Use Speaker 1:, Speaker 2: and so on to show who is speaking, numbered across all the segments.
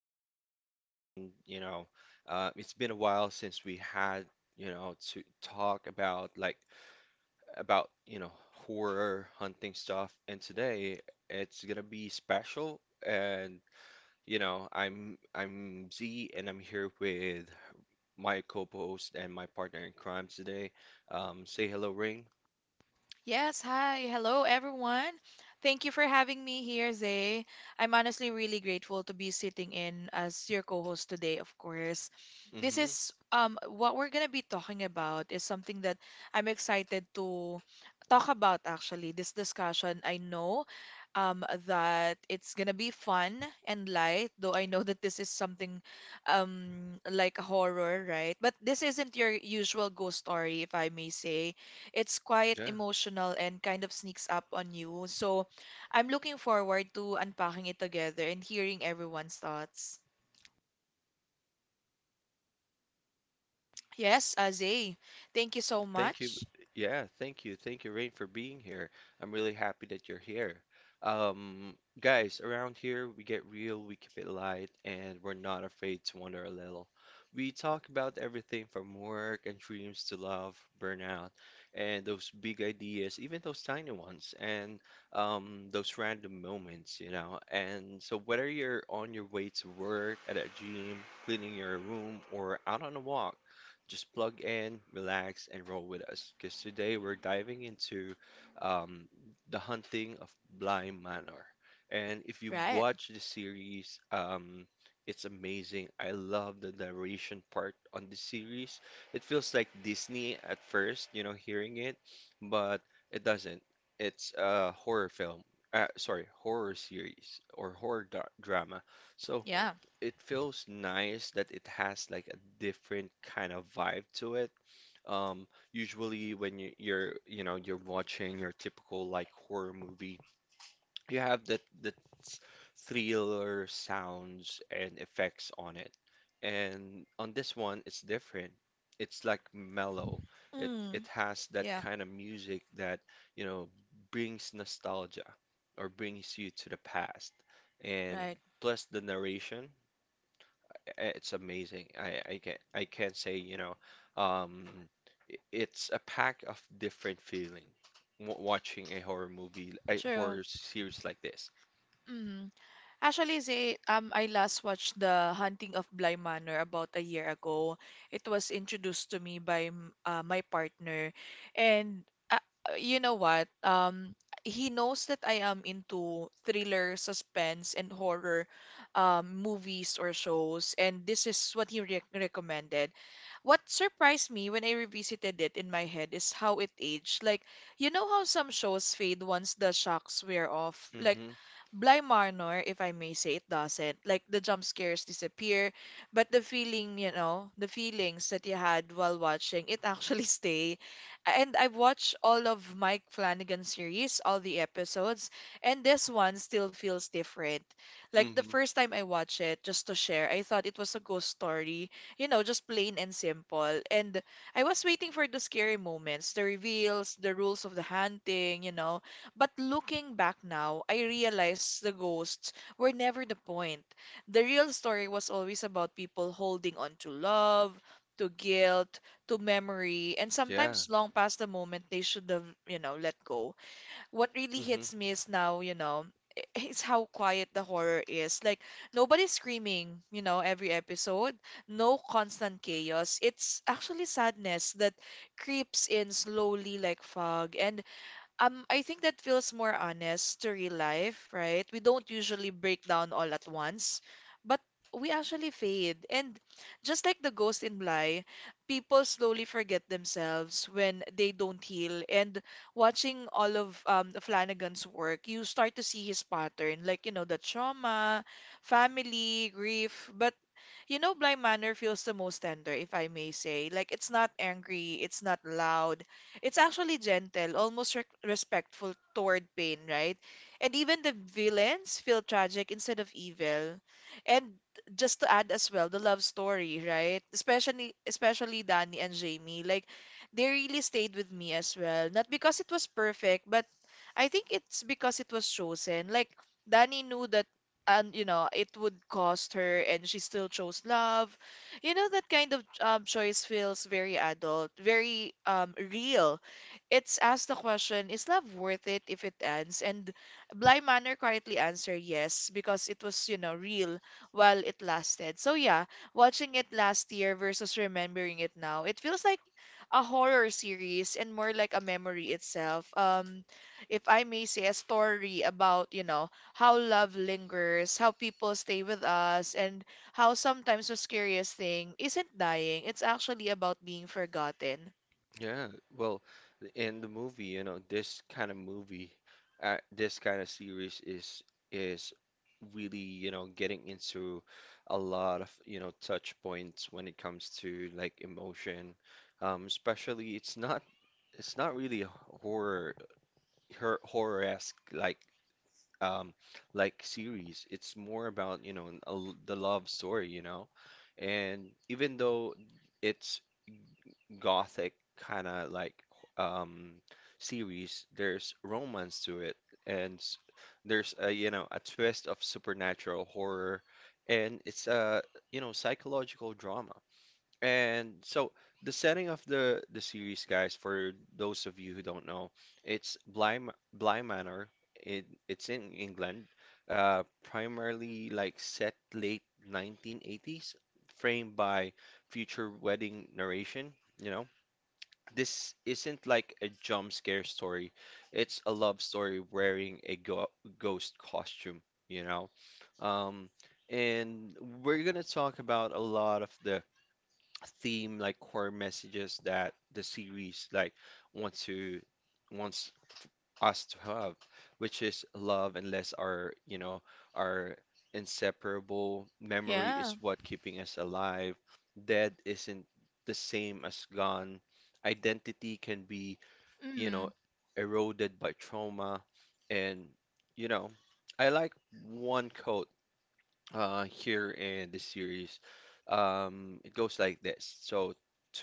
Speaker 1: Walkers. And, it's been a while since we had, to talk about like about, horror hunting stuff. And today it's gonna be special. And, you know, I'm Z and I'm here with my co-host and my partner in crime today. Say hello, Ring.
Speaker 2: Yes, hi. Hello, everyone. Thank you for having me here, Zay. I'm honestly really grateful to be sitting in as your co-host today, of course. This
Speaker 1: Hmm.
Speaker 2: is What we're gonna be talking about is something that I'm excited to talk about, actually. This discussion, I know that it's gonna be fun and light, though I know that this is something like a horror, right? But this isn't your usual ghost story, if I may say, it's quite
Speaker 1: Yeah.
Speaker 2: emotional and kind of sneaks up on you. So I'm looking forward to unpacking it together and hearing everyone's thoughts. Yes, Azay, thank you so
Speaker 1: Thank you.
Speaker 2: much.
Speaker 1: Yeah, thank you. Thank you, Rain, for being here. I'm really happy that you're here. Guys, around here we get real, we keep it light, and we're not afraid to wonder a little. We talk about everything from work and dreams to love, burnout, and those big ideas, even those tiny ones, and those random moments. And so, whether you're on your way to work, at a gym, cleaning your room, or out on a walk, just plug in, relax, and roll with us. Because today we're diving into um, the hunting of Blind Manor. And if you
Speaker 2: Right. Right.
Speaker 1: watch the series, it's amazing. I love the narration part on the series. It feels like Disney at first, hearing it, but it doesn't. It's a horror film. Sorry, horror series or horror drama. So
Speaker 2: Yeah.
Speaker 1: it feels nice that it has like a different kind of vibe to it. Usually when you're you're watching your typical like horror movie, you have that s- thriller sounds and effects on it. And on this one, it's different. It's like mellow. It
Speaker 2: Mm,
Speaker 1: it has that
Speaker 2: yeah.
Speaker 1: kind of music that you know brings nostalgia or brings you to the past. And
Speaker 2: Right.
Speaker 1: plus the narration. It's amazing. I can sayum, it's a pack of different feeling w watching a horror movie, a
Speaker 2: True.
Speaker 1: horror series like this.
Speaker 2: Mhm. Actually, Zay, I last watched The Hunting of Bly Manor about a year ago. It was introduced to me by my partner. And uh, you know what? He knows that I am into thriller, suspense, and horror movies or shows. And this is what he re recommended. What surprised me when I revisited it in my head is how it aged. Like, you know how some shows fade once the shocks wear off? Like,
Speaker 1: Mm-hmm.
Speaker 2: Bly Manor, if I may say, it doesn't. Like the jump scares disappear, but the feeling, you know, the feelings that you had while watching, it actually stay. And I've watched all of Mike Flanagan's series, all the episodes, and this one still feels different. Like the
Speaker 1: Mm-hmm.
Speaker 2: first time I watched it, just to share, I thought it was a ghost story, you know, just plain and simple. And I was waiting for the scary moments, the reveals, the rules of the hunting, you know, but looking back now, I realized the ghosts were never the point. The real story was always about people holding on to love, to guilt, to memory, and
Speaker 1: Yeah.
Speaker 2: sometimes long past the moment they should have, you know, let go. What really
Speaker 1: Mm-hmm.
Speaker 2: hits me is now, you know, is how quiet the horror is. Like, nobody's screaming, you know, every episode. No constant chaos. It's actually sadness that creeps in slowly like fog. And I think that feels more honest to real life, right? We don't usually break down all at once, but we actually fade. And just like the ghost in Bly, people slowly forget themselves when they don't heal. And watching all of Flanagan's work, you start to see his pattern, like, you know, the trauma, family, grief, but you know, Bly Manor feels the most tender, if I may say. Like, it's not angry, it's not loud. It's actually gentle, almost rec respectful toward pain, right? And even the villains feel tragic instead of evil. And just to add as well, the love story, right? Especially Danny and Jamie. Like, they really stayed with me as well. Not because it was perfect, but I think it's because it was chosen. Like, Danny knew that, and, you know, it would cost her, and she still chose love. You know, that kind of choice feels very adult, very real. It's asked the question, is love worth it if it ends? And Blind Manor quietly answered yes, because it was, you know, real while it lasted. So yeah, watching it last year versus remembering it now, it feels like a horror series and more like a memory itself. If I may say, a story about, you know, how love lingers, how people stay with us, and how sometimes the scariest thing isn't dying. It's actually about being forgotten.
Speaker 1: Yeah, well, in the movie, this kind of movie, this kind of series is really, getting into a lot of, touch points when it comes to like emotion. Especially it's not really a horror horror-esque um like series. It's more about, a l the love story. And even though it's gothic kind of like um series, there's romance to it and there's a a twist of supernatural horror and it's a psychological drama. And so the setting of the series, guys, for those of you who don't know, it's Bly Manor. It's in England, primarily like set late 1980s, framed by future wedding narration, you know. This isn't like a jump scare story. It's a love story wearing a go ghost costume, you know? Um, and we're gonna talk about a lot of the theme, like core messages that the series like wants to wants us to have, which is love, unless our inseparable memory
Speaker 2: Yeah.
Speaker 1: is what keeping us alive. Dead isn't the same as gone. Identity can be, you know,
Speaker 2: Mm.
Speaker 1: eroded by trauma. And, you know, I like one quote here in this series. It goes like this. So,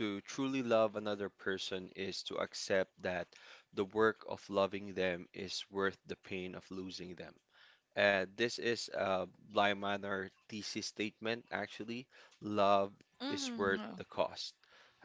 Speaker 1: to truly love another person is to accept that the work of loving them is worth the pain of losing them. This is a Bly Manor thesis statement, actually. Love is worth
Speaker 2: Mm.
Speaker 1: the cost.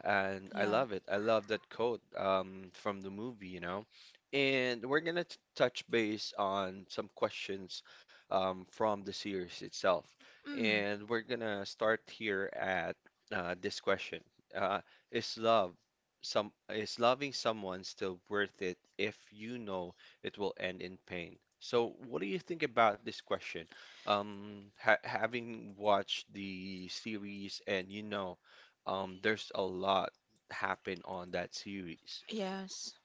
Speaker 1: And I
Speaker 2: Yeah.
Speaker 1: love it. I love that quote from the movie. And we're gonna touch base on some questions from the series itself.
Speaker 2: Mm.
Speaker 1: And we're gonna start here at this question. Uh, is love some is loving someone still worth it if you know it will end in pain? So, what do you think about this question? Ha Having watched the series, and there's a lot happen on that series.
Speaker 2: Yes.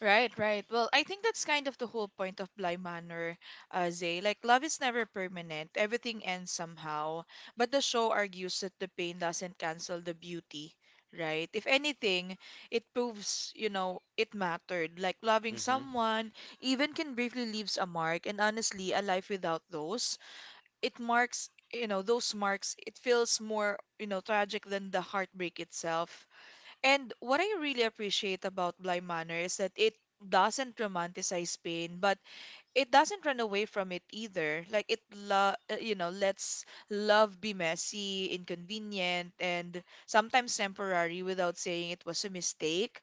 Speaker 2: Right, right. Well, I think that's kind of the whole point of Bly Manor, Zay. Like, love is never permanent. Everything ends somehow. But the show argues that the pain doesn't cancel the beauty, right? If anything, it proves, you know, it mattered. Like, loving someone even can briefly leaves a mark. And honestly, a life without those, it marks, you know, those marks, it feels more, you know, tragic than the heartbreak itself. And what I really appreciate about Bly Manor is that it doesn't romanticize pain, but it doesn't run away from it either. Like it, you know, lets love be messy, inconvenient, and sometimes temporary without saying it was a mistake.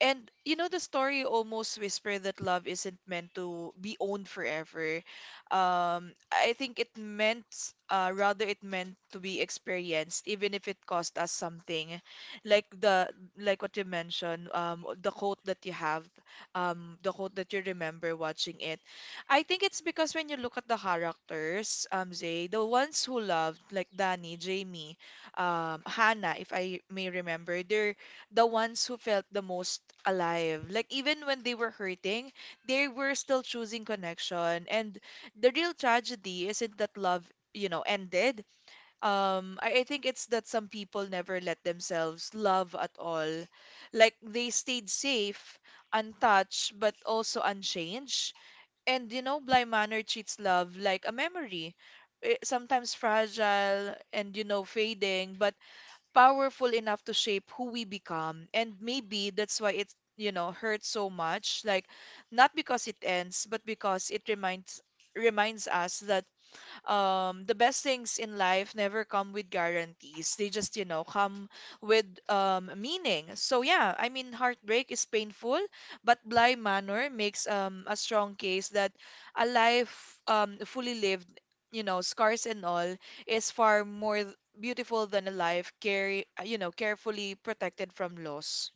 Speaker 2: And you know, the story almost whisper that love isn't meant to be owned forever. I think it meant, rather it meant to be experienced, even if it cost us something. Like the like what you mentioned, the quote that you have, the quote that you remember watching it. I think it's because when you look at the characters, Zay, the ones who loved, like Danny, Jamie, Hannah, if I may remember, they're the ones who felt the most alive. Like, even when they were hurting, they were still choosing connection. And the real tragedy isn't that love, you know, ended. I think it's that some people never let themselves love at all. Like they stayed safe, untouched, but also unchanged. And you know, Bly Manor treats love like a memory. Sometimes fragile and, you know, fading, but powerful enough to shape who we become. And maybe that's why it, you know, hurts so much. Like, not because it ends, but because it reminds us that the best things in life never come with guarantees. They just, you know, come with meaning. So yeah, I mean, heartbreak is painful, but Bly Manor makes a strong case that a life fully lived, you know, scars and all, is far more beautiful than a life you know, carefully protected from loss.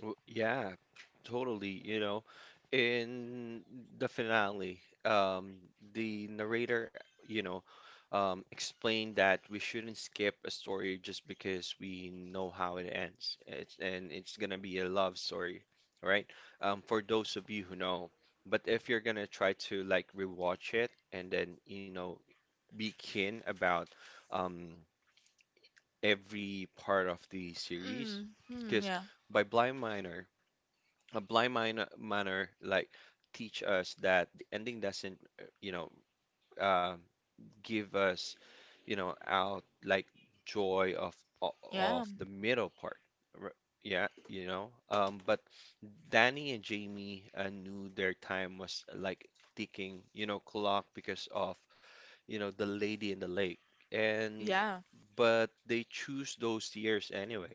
Speaker 1: Yeah, totally. In the finale, the narrator, you know, explained that we shouldn't skip a story just because we know how it ends. It's gonna be a love story, right? For those of you who know. But if you're gonna try to like rewatch it and then, be keen about um, every part of the series,
Speaker 2: Mm, mm,
Speaker 1: because
Speaker 2: yeah,
Speaker 1: by Blind Minor a blind minor, manner like teach us that the ending doesn't um, give us, out like joy of o-
Speaker 2: yeah,
Speaker 1: of the middle part. R- Yeah. But Danny and Jamie knew their time was like ticking, clock because of, the lady in the lake. And
Speaker 2: yeah.
Speaker 1: but they choose those years anyway.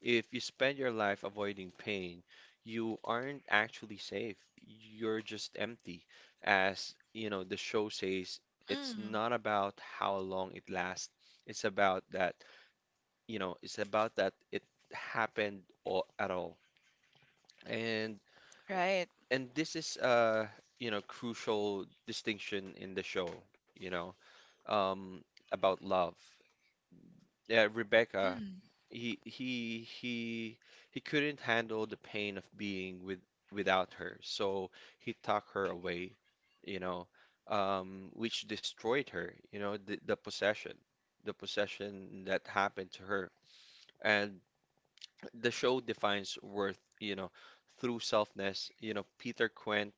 Speaker 1: If you spend your life avoiding pain, you aren't actually safe. You're just empty, as you know, the show says, it's
Speaker 2: Mm,
Speaker 1: not about how long it lasts, it's about that it's about that it happened or at all. and
Speaker 2: right.
Speaker 1: and this is a crucial distinction in the show, you know, um, about love. Yeah, Rebecca,
Speaker 2: Mm,
Speaker 1: he he he he couldn't handle the pain of being without her, so he tucked her away, you know, which destroyed her, the possession, the possession, that happened to her. And the show defines worth, through selfness. Peter Quinn,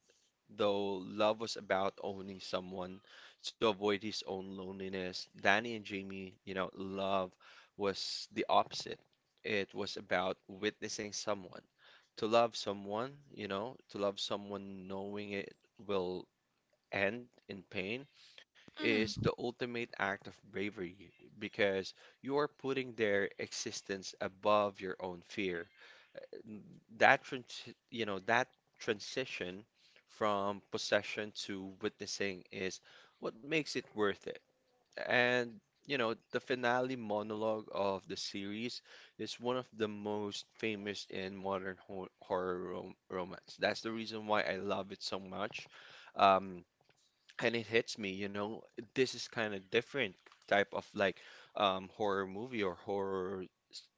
Speaker 1: though love was about owning someone to avoid his own loneliness, Danny and Jamie, love was the opposite. It was about witnessing someone. To love someone knowing it will end in pain is the
Speaker 2: mm,
Speaker 1: ultimate act of bravery because you are putting their existence above your own fear that trans that transition from possession to witnessing is what makes it worth it. And the finale monologue of the series is one of the most famous in modern horror romance. That's the reason why I love it so much. Um, and it hits me, this is kind of different type of horror movie or horror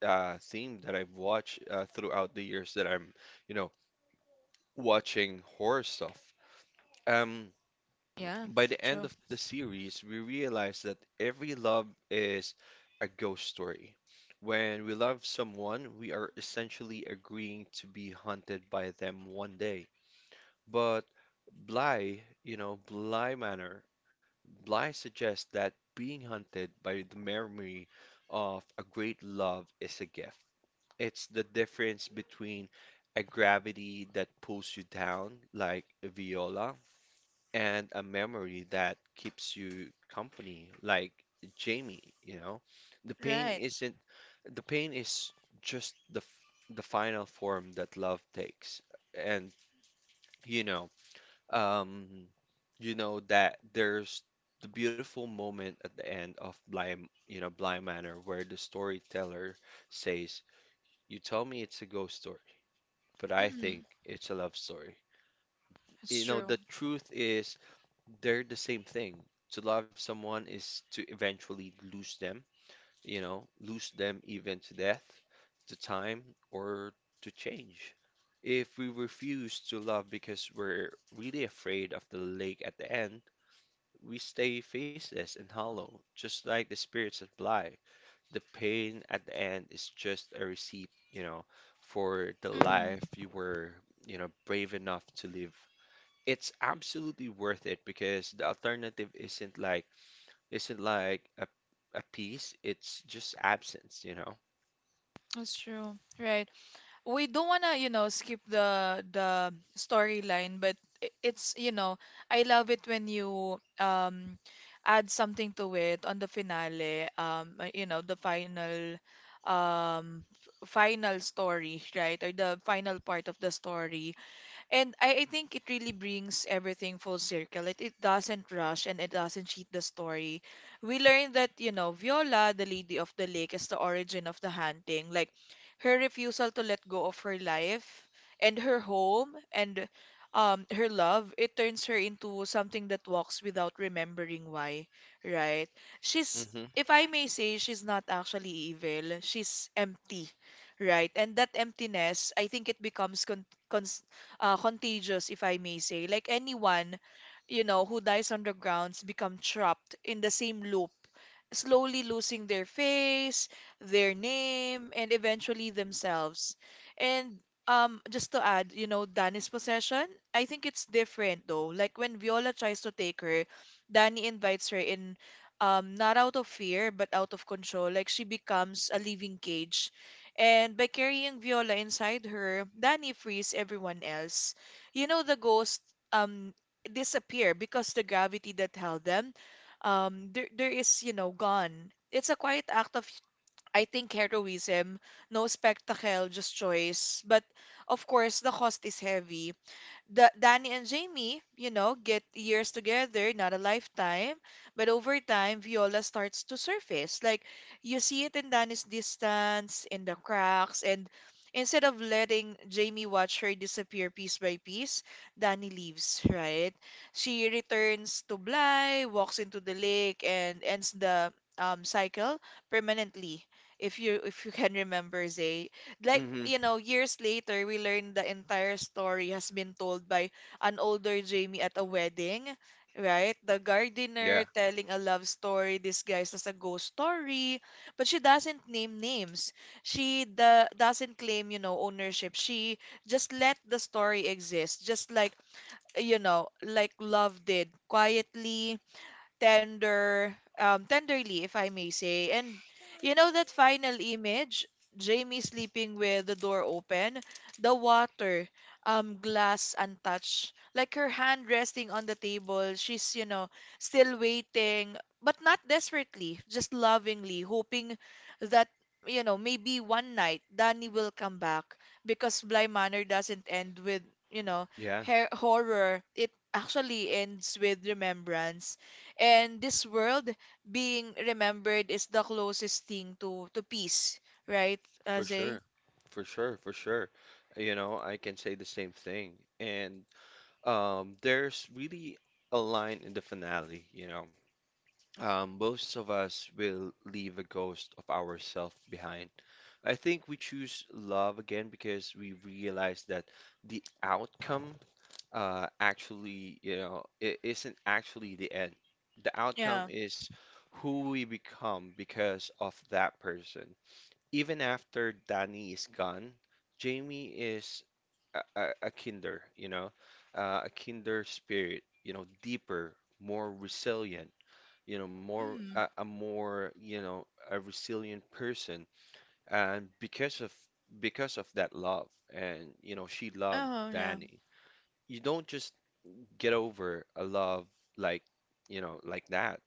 Speaker 1: theme that I've watched throughout the years that I'm, you know, watching horror stuff. Um,
Speaker 2: yeah,
Speaker 1: by the end
Speaker 2: true.
Speaker 1: of the series, we realize that every love is a ghost story. When we love someone, we are essentially agreeing to be hunted by them one day. But Bly, you know, Bly Manor, Bly suggests that being hunted by the memory of a great love is a gift. It's the difference between a gravity that pulls you down, like Viola, and a memory that keeps you company, like Jamie. The pain
Speaker 2: Right.
Speaker 1: isn't, The pain is just the the final form that love takes. And you know, um, you know that there's the beautiful moment at the end of Blind Manor where the storyteller says, "You tell me it's a ghost story," but I think
Speaker 2: Mm.
Speaker 1: it's a love story.
Speaker 2: That's true.
Speaker 1: The truth is they're the same thing. To love someone is to eventually lose them even to death, to time, or to change. If we refuse to love because we're really afraid of the lake at the end, we stay faceless and hollow, just like the spirits that fly. The pain at the end is just a receipt, for the
Speaker 2: Mm,
Speaker 1: life you were, brave enough to live. It's absolutely worth it because the alternative isn't like a peace. It's just absence.
Speaker 2: that's true. Right. We don't wanna, you know, skip the storyline, but it's, you know, I love it when you add something to it on the finale, you know, the final final story, right? Or the final part of the story. And I think it really brings everything full circle. It doesn't rush and it doesn't cheat the story. We learned that, you know, Viola, the lady of the lake, is the origin of the hunting. Like, her refusal to let go of her life and her home and her love, it turns her into something that walks without remembering why, right? She's,
Speaker 1: Hmm.
Speaker 2: if I may say, she's not actually evil. She's empty, right? And that emptiness, I think it becomes contagious, if I may say. Like, anyone, you know, who dies on the grounds become trapped in the same loop, slowly losing their face, their name, and eventually themselves. And just to add, you know, Danny's possession, I think it's different though. Like, when Viola tries to take her, Danny invites her in, not out of fear, but out of control. Like she becomes a living cage, and by carrying Viola inside her, Danny frees everyone else. You know, the ghosts um disappear because the gravity that held them there is, you know, gone. It's a quiet act of, I think, heroism, no spectacle, just choice. But of course, the cost is heavy. The Danny and Jamie, you know, get years together, not a lifetime, but over time, Viola starts to surface. Like, you see it in Danny's distance, in the cracks, and instead of letting Jamie watch her disappear piece by piece, Danny leaves, right? She returns to Bly, walks into the lake, and ends the cycle permanently. If you can remember, Zay, like,
Speaker 1: Hmm.
Speaker 2: you know, years later we learned the entire story has been told by an older Jamie at a wedding, right? The
Speaker 1: Yeah,
Speaker 2: gardener telling a love story disguised as a ghost story, but she doesn't name names. She doesn't claim, you know, ownership. She just let the story exist, just like, you know, like love did, quietly, tenderly, if I may say. And you know that final image, Jamie sleeping with the door open, the water, glass untouched, like her hand resting on the table. She's, you know, still waiting, but not desperately, just lovingly, hoping that, you know, maybe one night Danny will come back, because Bly Manor doesn't end with, you know,
Speaker 1: yeah.
Speaker 2: her horror. It actually ends with remembrance, and this world being remembered is the closest thing to peace, right,
Speaker 1: For
Speaker 2: Azay?
Speaker 1: sure. For sure, for sure. I can say the same thing. And there's really a line in the finale. Most of us will leave a ghost of ourselves behind. I think we choose love again because we realize that the outcome actually, it isn't actually the end. The outcome
Speaker 2: Yeah.
Speaker 1: is who we become because of that person. Even after Danny is gone, Jamie is a, a a kinder, you know, a kinder spirit, deeper, more resilient, more
Speaker 2: Mm.
Speaker 1: a more, you know, a resilient person. And because of that love, and she loved
Speaker 2: Oh yeah.
Speaker 1: Danny. You don't just get over a love like, like that.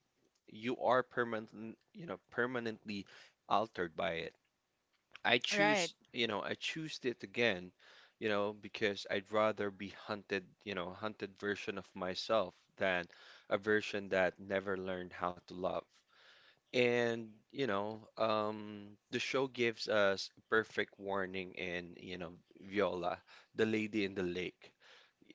Speaker 1: You are permanently altered by it. I
Speaker 2: Right.
Speaker 1: choose, you know, I choose it again, because I'd rather be hunted version of myself than a version that never learned how to love. The show gives us a perfect warning in, Viola, the lady in the lake,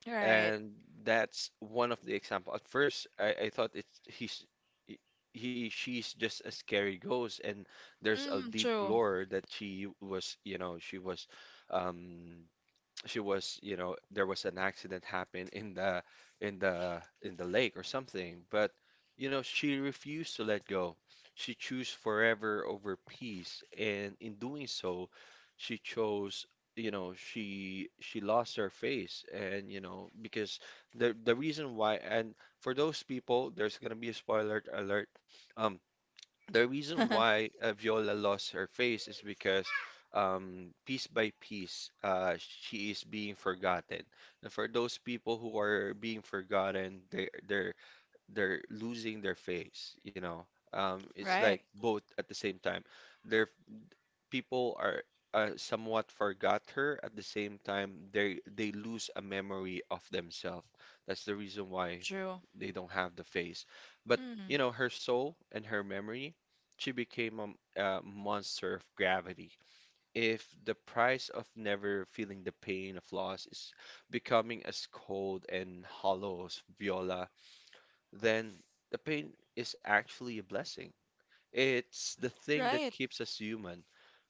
Speaker 2: Right.
Speaker 1: and that's one of the example. At first, I thought it's he's he he- she's just a scary ghost, and there's a
Speaker 2: Mm,
Speaker 1: deep
Speaker 2: true.
Speaker 1: lore that she was um there was an accident happened in the in the lake or something, but she refused to let go. She chose forever over peace, and in doing so, she chose, you know, she lost her face, and you know, because the reason why, and for those people, there's gonna be a spoiler alert. Um, the reason why Viola lost her face is because piece by piece, she is being forgotten. And for those people who are being forgotten, they're they're losing their face. You know, it's
Speaker 2: Right.
Speaker 1: like both at the same time. Their people are somewhat forgot her at the same time. They lose a memory of themselves. That's the reason why
Speaker 2: True.
Speaker 1: they don't have the face. But you know,
Speaker 2: Mm.
Speaker 1: her soul and her memory, she became a, a monster of gravity. If the price of never feeling the pain of loss is becoming as cold and hollow as Viola, then the pain is actually a blessing. It's the thing that
Speaker 2: Right.
Speaker 1: keeps us human.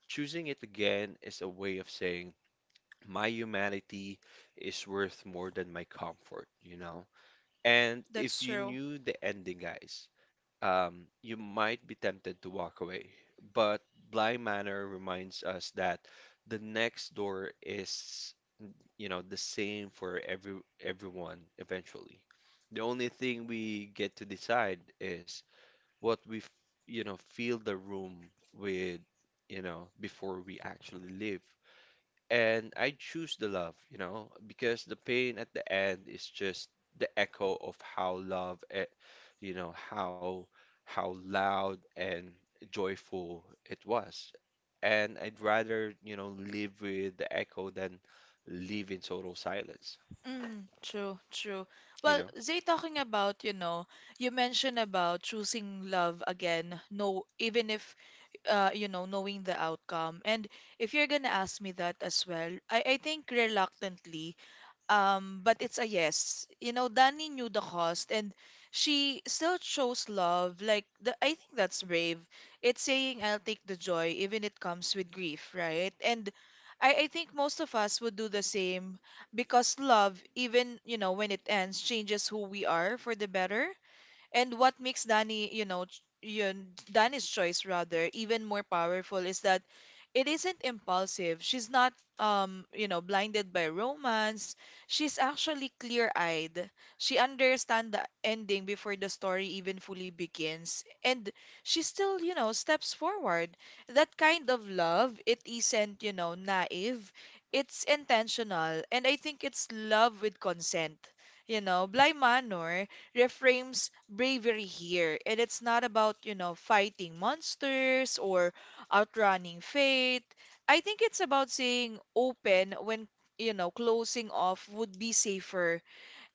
Speaker 1: Choosing it again is a way of saying, my humanity is worth more than my comfort, you know? And
Speaker 2: That's
Speaker 1: if you
Speaker 2: true.
Speaker 1: knew the ending, guys, you might be tempted to walk away. But Blind Manor reminds us that the next door is, you know, the same for everyone eventually. The only thing we get to decide is what we, you know, fill the room with, you know, before we actually leave, and I choose the love, you know, because the pain at the end is just the echo of how love, you know, how loud and joyful it was. And I'd rather, you know, live with the echo than live in total silence,
Speaker 2: Mm, true, true.
Speaker 1: you
Speaker 2: Well,
Speaker 1: know?
Speaker 2: Zay, talking about, you know, you mentioned about choosing love again, no, even if, you know, knowing the outcome. And if you're gonna ask me that as well, I think reluctantly, but it's a yes. You know, Dani knew the cost and she still chose love. Like, I think that's brave. It's saying, I'll take the joy, even it comes with grief, right? And I think most of us would do the same because love, even, you know, when it ends, changes who we are for the better. And what makes Danny, Danny's choice rather even more powerful is that it isn't impulsive. She's not, you know, blinded by romance. She's actually clear-eyed. She understands the ending before the story even fully begins, and she still, you know, steps forward. That kind of love, it isn't, you know, naive. It's intentional, and I think it's love with consent. You know, Bly Manor reframes bravery here. And it's not about, you know, fighting monsters or outrunning fate. I think it's about saying open when, you know, closing off would be safer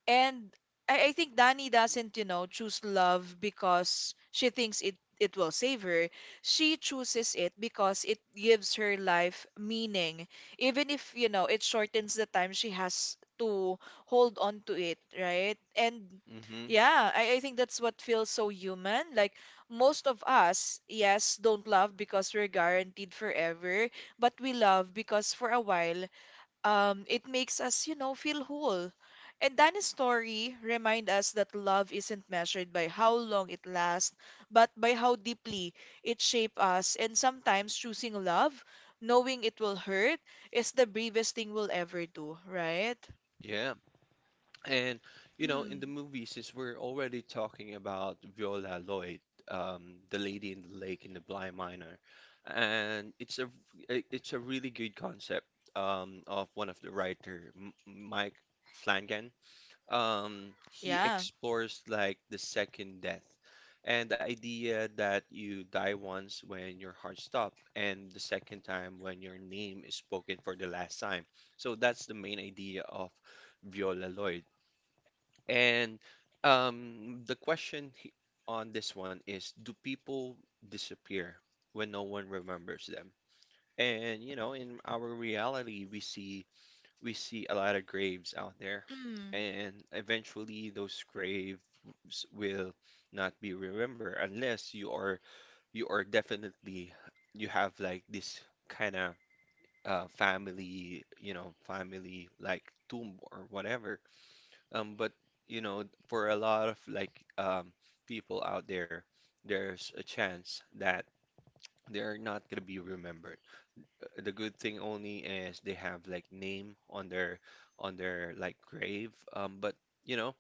Speaker 2: and I think Dani doesn't, you know, choose love because she thinks it will save her. She chooses it because it gives her life meaning. Even if, you know, it shortens the time she has to hold on to it, right? And
Speaker 1: Mm-hmm.
Speaker 2: yeah, I think that's what feels so human. Like most of us, yes, don't love because we're guaranteed forever, but we love because for a while it makes us, you know, feel whole. And Dana's story remind us that love isn't measured by how long it lasts, but by how deeply it shapes us. And sometimes choosing love, knowing it will hurt, is the bravest thing we'll ever do, right?
Speaker 1: Yeah. And you know, in
Speaker 2: Mm,
Speaker 1: the movie, since we're already talking about Viola Lloyd, the lady in the lake in the blind miner, and it's a it's a really good concept of one of the writer, M Mike Flanagan. He
Speaker 2: yeah.
Speaker 1: explores like the second death and the idea that you die once when your heart stops, and the second time when your name is spoken for the last time. So that's the main idea of Viola Lloyd. And um, the question he- on this one is, do people disappear when no one remembers them? And you know, in our reality, we see a lot of graves out there,
Speaker 2: Mm,
Speaker 1: and eventually those graves will not be remembered unless you are definitely you have like this kind of family, you know, family like tomb or whatever but you know, for a lot of like people out there, there's a chance that they're not gonna be remembered. The good thing only is they have like name on their like grave. But you know,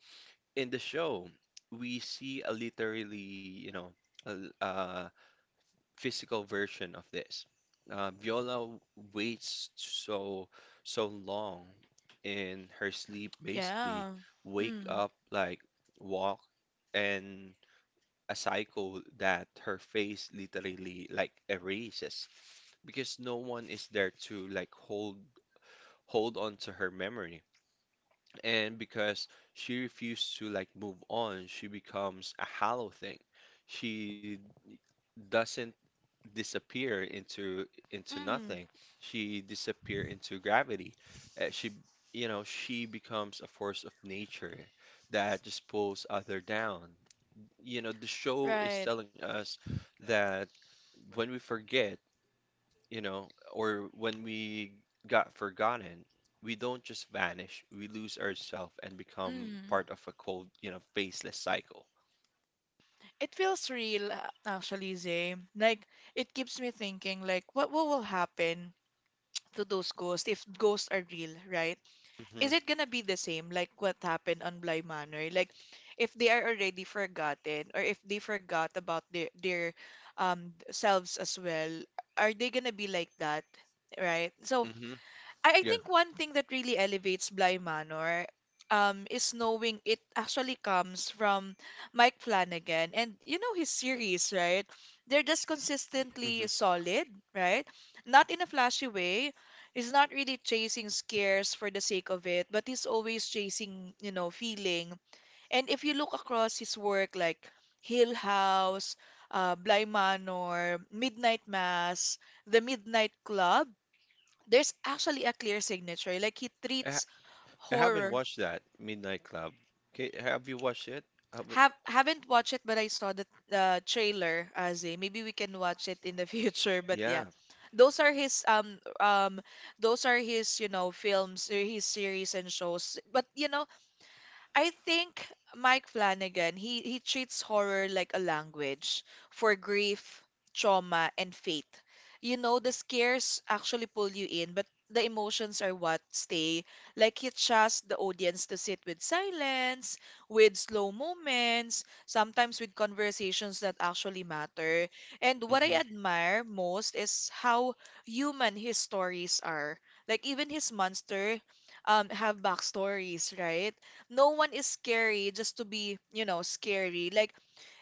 Speaker 1: in the show, we see a literally you know a, a physical version of this. Viola waits so long in her sleep, basically
Speaker 2: yeah.
Speaker 1: wake
Speaker 2: Mm.
Speaker 1: up like walk and a cycle that her face literally like erases because no one is there to like hold hold on to her memory, and because she refused to like move on, she becomes a hollow thing. She doesn't disappear into
Speaker 2: mm,
Speaker 1: nothing. She disappear into gravity. She, you know, she becomes a force of nature that just pulls other down. You know, the show is
Speaker 2: right.
Speaker 1: telling us that when we forget, you know, or when we got forgotten, we don't just vanish. We lose ourselves and become
Speaker 2: Mm.
Speaker 1: part of a cold, you know, faceless cycle.
Speaker 2: It feels real, actually, Zay. Like, it keeps me thinking, like, what will happen to those ghosts if ghosts are real, right? Is it gonna be the same, like what happened on Bly Manor? Like, if they are already forgotten, or if they forgot about their selves as well, are they gonna be like that, right? So,
Speaker 1: hmm hmm
Speaker 2: I
Speaker 1: Yeah.
Speaker 2: think one thing that really elevates Bly Manor is knowing it actually comes from Mike Flanagan. And you know his series, right? They're just
Speaker 1: hmm
Speaker 2: consistently solid, right? Not in a flashy way. He's not really chasing scares for the sake of it, but he's always chasing, you know, feeling. And if you look across his work like Hill House, Bly Manor, Midnight Mass, The Midnight Club, there's actually a clear signature. Like he treats
Speaker 1: I haven't
Speaker 2: horror.
Speaker 1: watched that Midnight Club. Okay, have you watched it? Have-
Speaker 2: Haven't watched it, but I saw the trailer, Aze. Maybe we can watch it in the future. But
Speaker 1: yeah.
Speaker 2: yeah, those are his um um those are his, you know, films, his series and shows. But you know I think Mike Flanagan, he treats horror like a language for grief, trauma, and faith. You know, the scares actually pull you in, but the emotions are what stay. Like he trusts the audience to sit with silence, with slow moments, sometimes with conversations that actually matter. And what
Speaker 1: hmm
Speaker 2: I admire most is how human his stories are. Like even his monster have backstories, right? No one is scary just to be, you know, scary. Like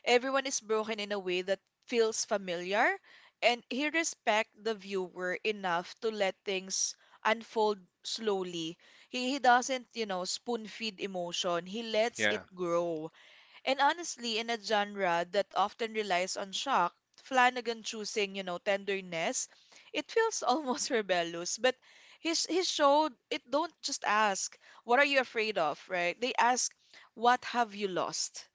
Speaker 2: everyone is broken in a way that feels familiar, and he respect the viewer enough to let things unfold slowly. He doesn't, you know, spoon feed emotion. He lets
Speaker 1: Yeah,
Speaker 2: it grow. And honestly, in a genre that often relies on shock, Flanagan choosing, you know, tenderness, it feels almost rebellious. But his show, it don't just ask, what are you afraid of, right? They ask, what have you lost?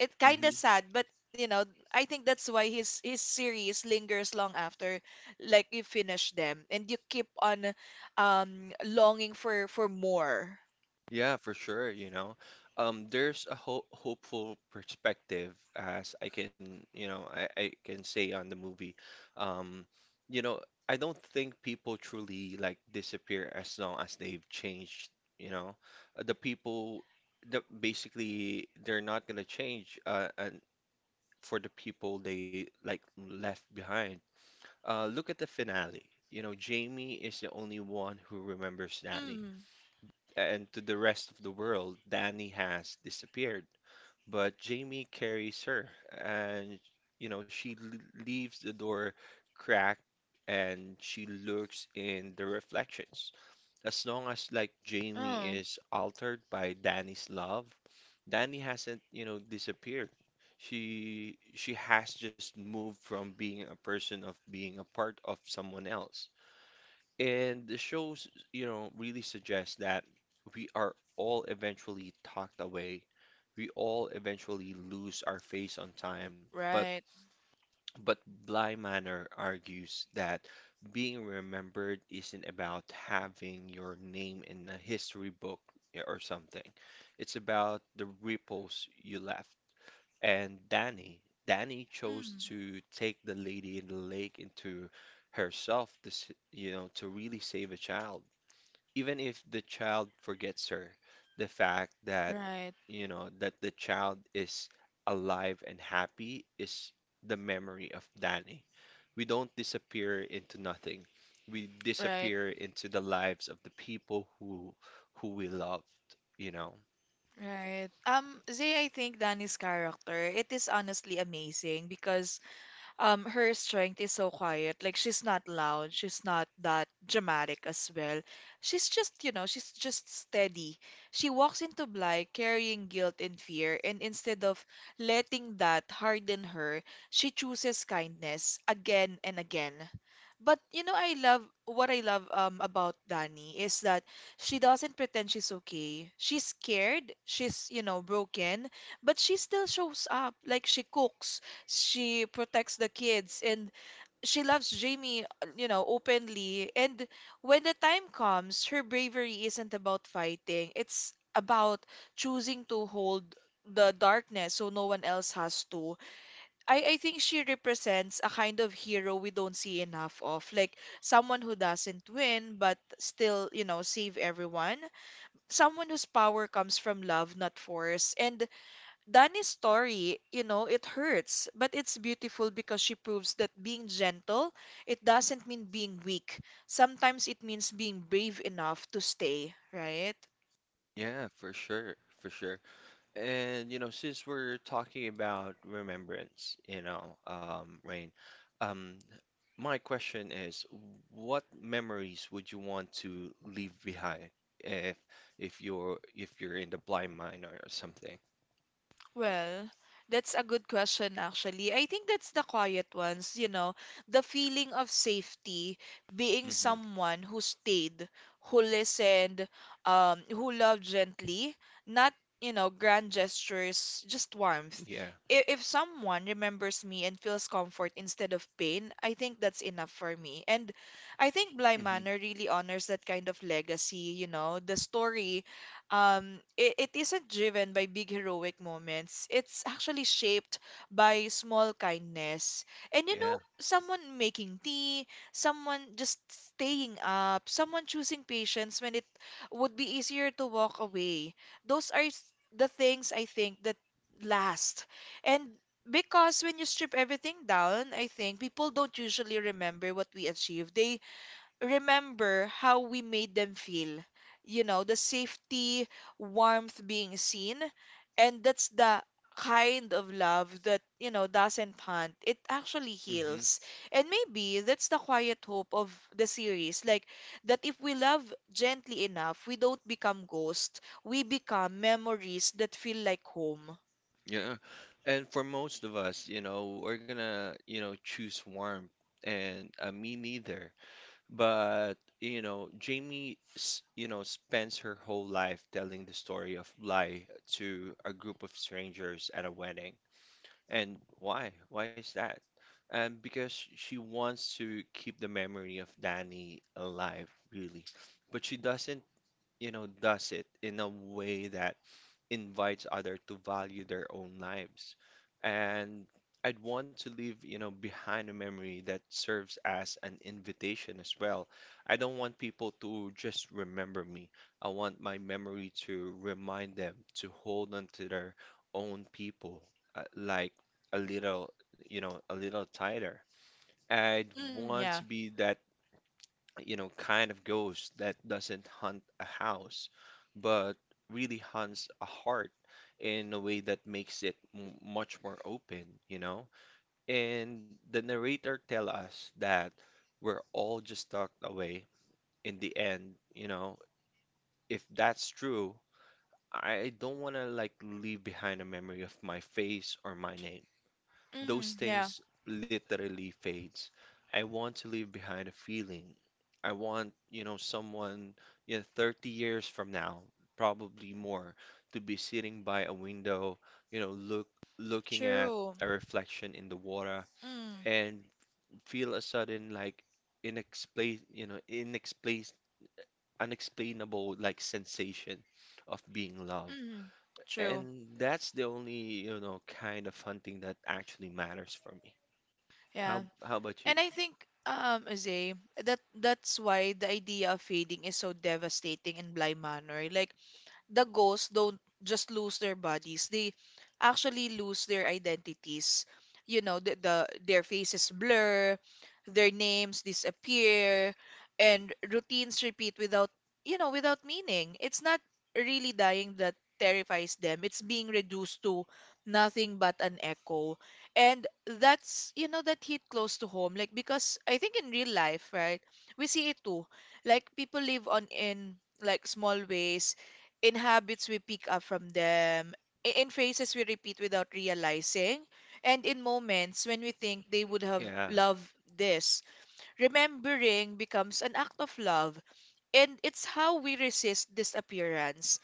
Speaker 2: It's kinda
Speaker 1: hmm
Speaker 2: sad, but you know, I think that's why his series lingers long after like you finish them and you keep on longing for more.
Speaker 1: Yeah, for sure, you know. There's a ho hopeful perspective as I can, you know, I can say on the movie. Um, you know, I don't think people truly like disappear as long as they've changed, you know. The people the basically they're not gonna change, uh, and for the people they like left behind. Look at the finale. You know, Jamie is the only one who remembers Danny.
Speaker 2: Mm.
Speaker 1: And to the rest of the world, Danny has disappeared. But Jamie carries her, and you know, leaves the door cracked, and she looks in the reflections. As long as like Jamie
Speaker 2: Oh,
Speaker 1: is altered by Danny's love, Danny hasn't, you know, disappeared. She has just moved from being a person of being a part of someone else. And the shows, you know, really suggest that we are all eventually talked away. We all eventually lose our face on time. But
Speaker 2: right.
Speaker 1: but Bly Manor argues that being remembered isn't about having your name in a history book or something. It's about the ripples you left and Danny. Danny chose
Speaker 2: Mm.
Speaker 1: to take the lady in the lake into herself, this, you know, to really save a child. Even if the child forgets her, the fact that,
Speaker 2: Right.
Speaker 1: you know, that the child is alive and happy is the memory of Danny. We don't disappear into nothing. We
Speaker 2: Right,
Speaker 1: disappear into the lives of the people who we loved, you know.
Speaker 2: right. Zay, I think Danny's character, it is honestly amazing because her strength is so quiet. Like she's not loud, she's not that dramatic as well. She's just, you know, she's just steady. She walks into Bly carrying guilt and fear, and instead of letting that harden her, she chooses kindness again and again. But you know, I love what I love about Dani is that she doesn't pretend she's okay. She's scared, she's, you know, broken, but she still shows up. Like she cooks she protects the kids and she loves Jamie, you know, openly. And when the time comes, her bravery isn't about fighting. It's about choosing to hold the darkness so no one else has to. I think she represents a kind of hero we don't see enough of. Like someone who doesn't win but still, you know, save everyone. Someone whose power comes from love, not force. And Dani's story, you know, it hurts, but it's beautiful because she proves that being gentle, it doesn't mean being weak. Sometimes it means being brave enough to stay, right?
Speaker 1: Yeah, for sure, for sure. And you know, since we're talking about remembrance, you know, Rain, um, my question is, what memories would you want to leave behind if if you're in the blind mine or something?
Speaker 2: Well, that's a good question, actually. I think that's the quiet ones, you know, the feeling of safety, being
Speaker 1: hmm
Speaker 2: someone who stayed, who listened, who loved gently, not, you know, grand gestures, just warmth.
Speaker 1: Yeah.
Speaker 2: If someone remembers me and feels comfort instead of pain, I think that's enough for me. And I think Bly
Speaker 1: hmm
Speaker 2: Manor really honors that kind of legacy, you know, the story it isn't driven by big heroic moments. It's actually shaped by small kindness. And you
Speaker 1: Yeah.
Speaker 2: know, someone making tea, someone just staying up, someone choosing patience when it would be easier to walk away. Those are s- the things I think that last. And because when you strip everything down, I think people don't usually remember what we achieved. They remember how we made them feel. You know, the safety, warmth being seen. And that's the kind of love that, you know, doesn't hunt. It actually
Speaker 1: hmm
Speaker 2: heals. And maybe that's the quiet hope of the series. Like, that if we love gently enough, we don't become ghosts. We become memories that feel like home.
Speaker 1: Yeah. And for most of us, you know, we're gonna, you know, choose warmth, and me neither. But, you know, Jamie, you know, spends her whole life telling the story of Bly to a group of strangers at a wedding. And why? Why is that? And because she wants to keep the memory of Danny alive, really. But she doesn't, you know, does it in a way that invites other to value their own lives. And I'd want to leave, you know, behind a memory that serves as an invitation as well. I don't want people to just remember me. I want my memory to remind them to hold on to their own people, like a little, you know, a little tighter. I'd
Speaker 2: Mm,
Speaker 1: want
Speaker 2: yeah.
Speaker 1: to be that, you know, kind of ghost that doesn't hunt a house, but really hunts a heart in a way that makes it m much more open, you know? And the narrator tell us that we're all just tucked away in the end, you know? If that's true, I don't want to like leave behind a memory of my face or my name. Those
Speaker 2: Mm, yeah.
Speaker 1: things literally fades. I want to leave behind a feeling. I want, you know, someone you know 30 years from now, probably more, to be sitting by a window, you know, looking at
Speaker 2: True.
Speaker 1: a reflection in the water,
Speaker 2: Mm.
Speaker 1: and feel a sudden like inexplain, you know, inexplain unexplainable like sensation of being loved.
Speaker 2: mm, true.
Speaker 1: And that's the only, you know, kind of hunting that actually matters for me.
Speaker 2: Yeah.
Speaker 1: How about you?
Speaker 2: And I think, Azay, that that's why the idea of fading is so devastating in Bly Manor. Like, the ghosts don't just lose their bodies. They actually lose their identities. You know, their faces blur, their names disappear, and routines repeat without, you know, without meaning. It's not really dying that terrifies them. It's being reduced to nothing but an echo. And that's, you know, that hit close to home. Like, because I think in real life, right, we see it too. Like, people live on in like small ways in habits we pick up from them, in phrases we repeat without realizing, and in moments when we think they would have
Speaker 1: Yeah.
Speaker 2: loved this. Remembering becomes an act of love, and it's how we resist disappearance.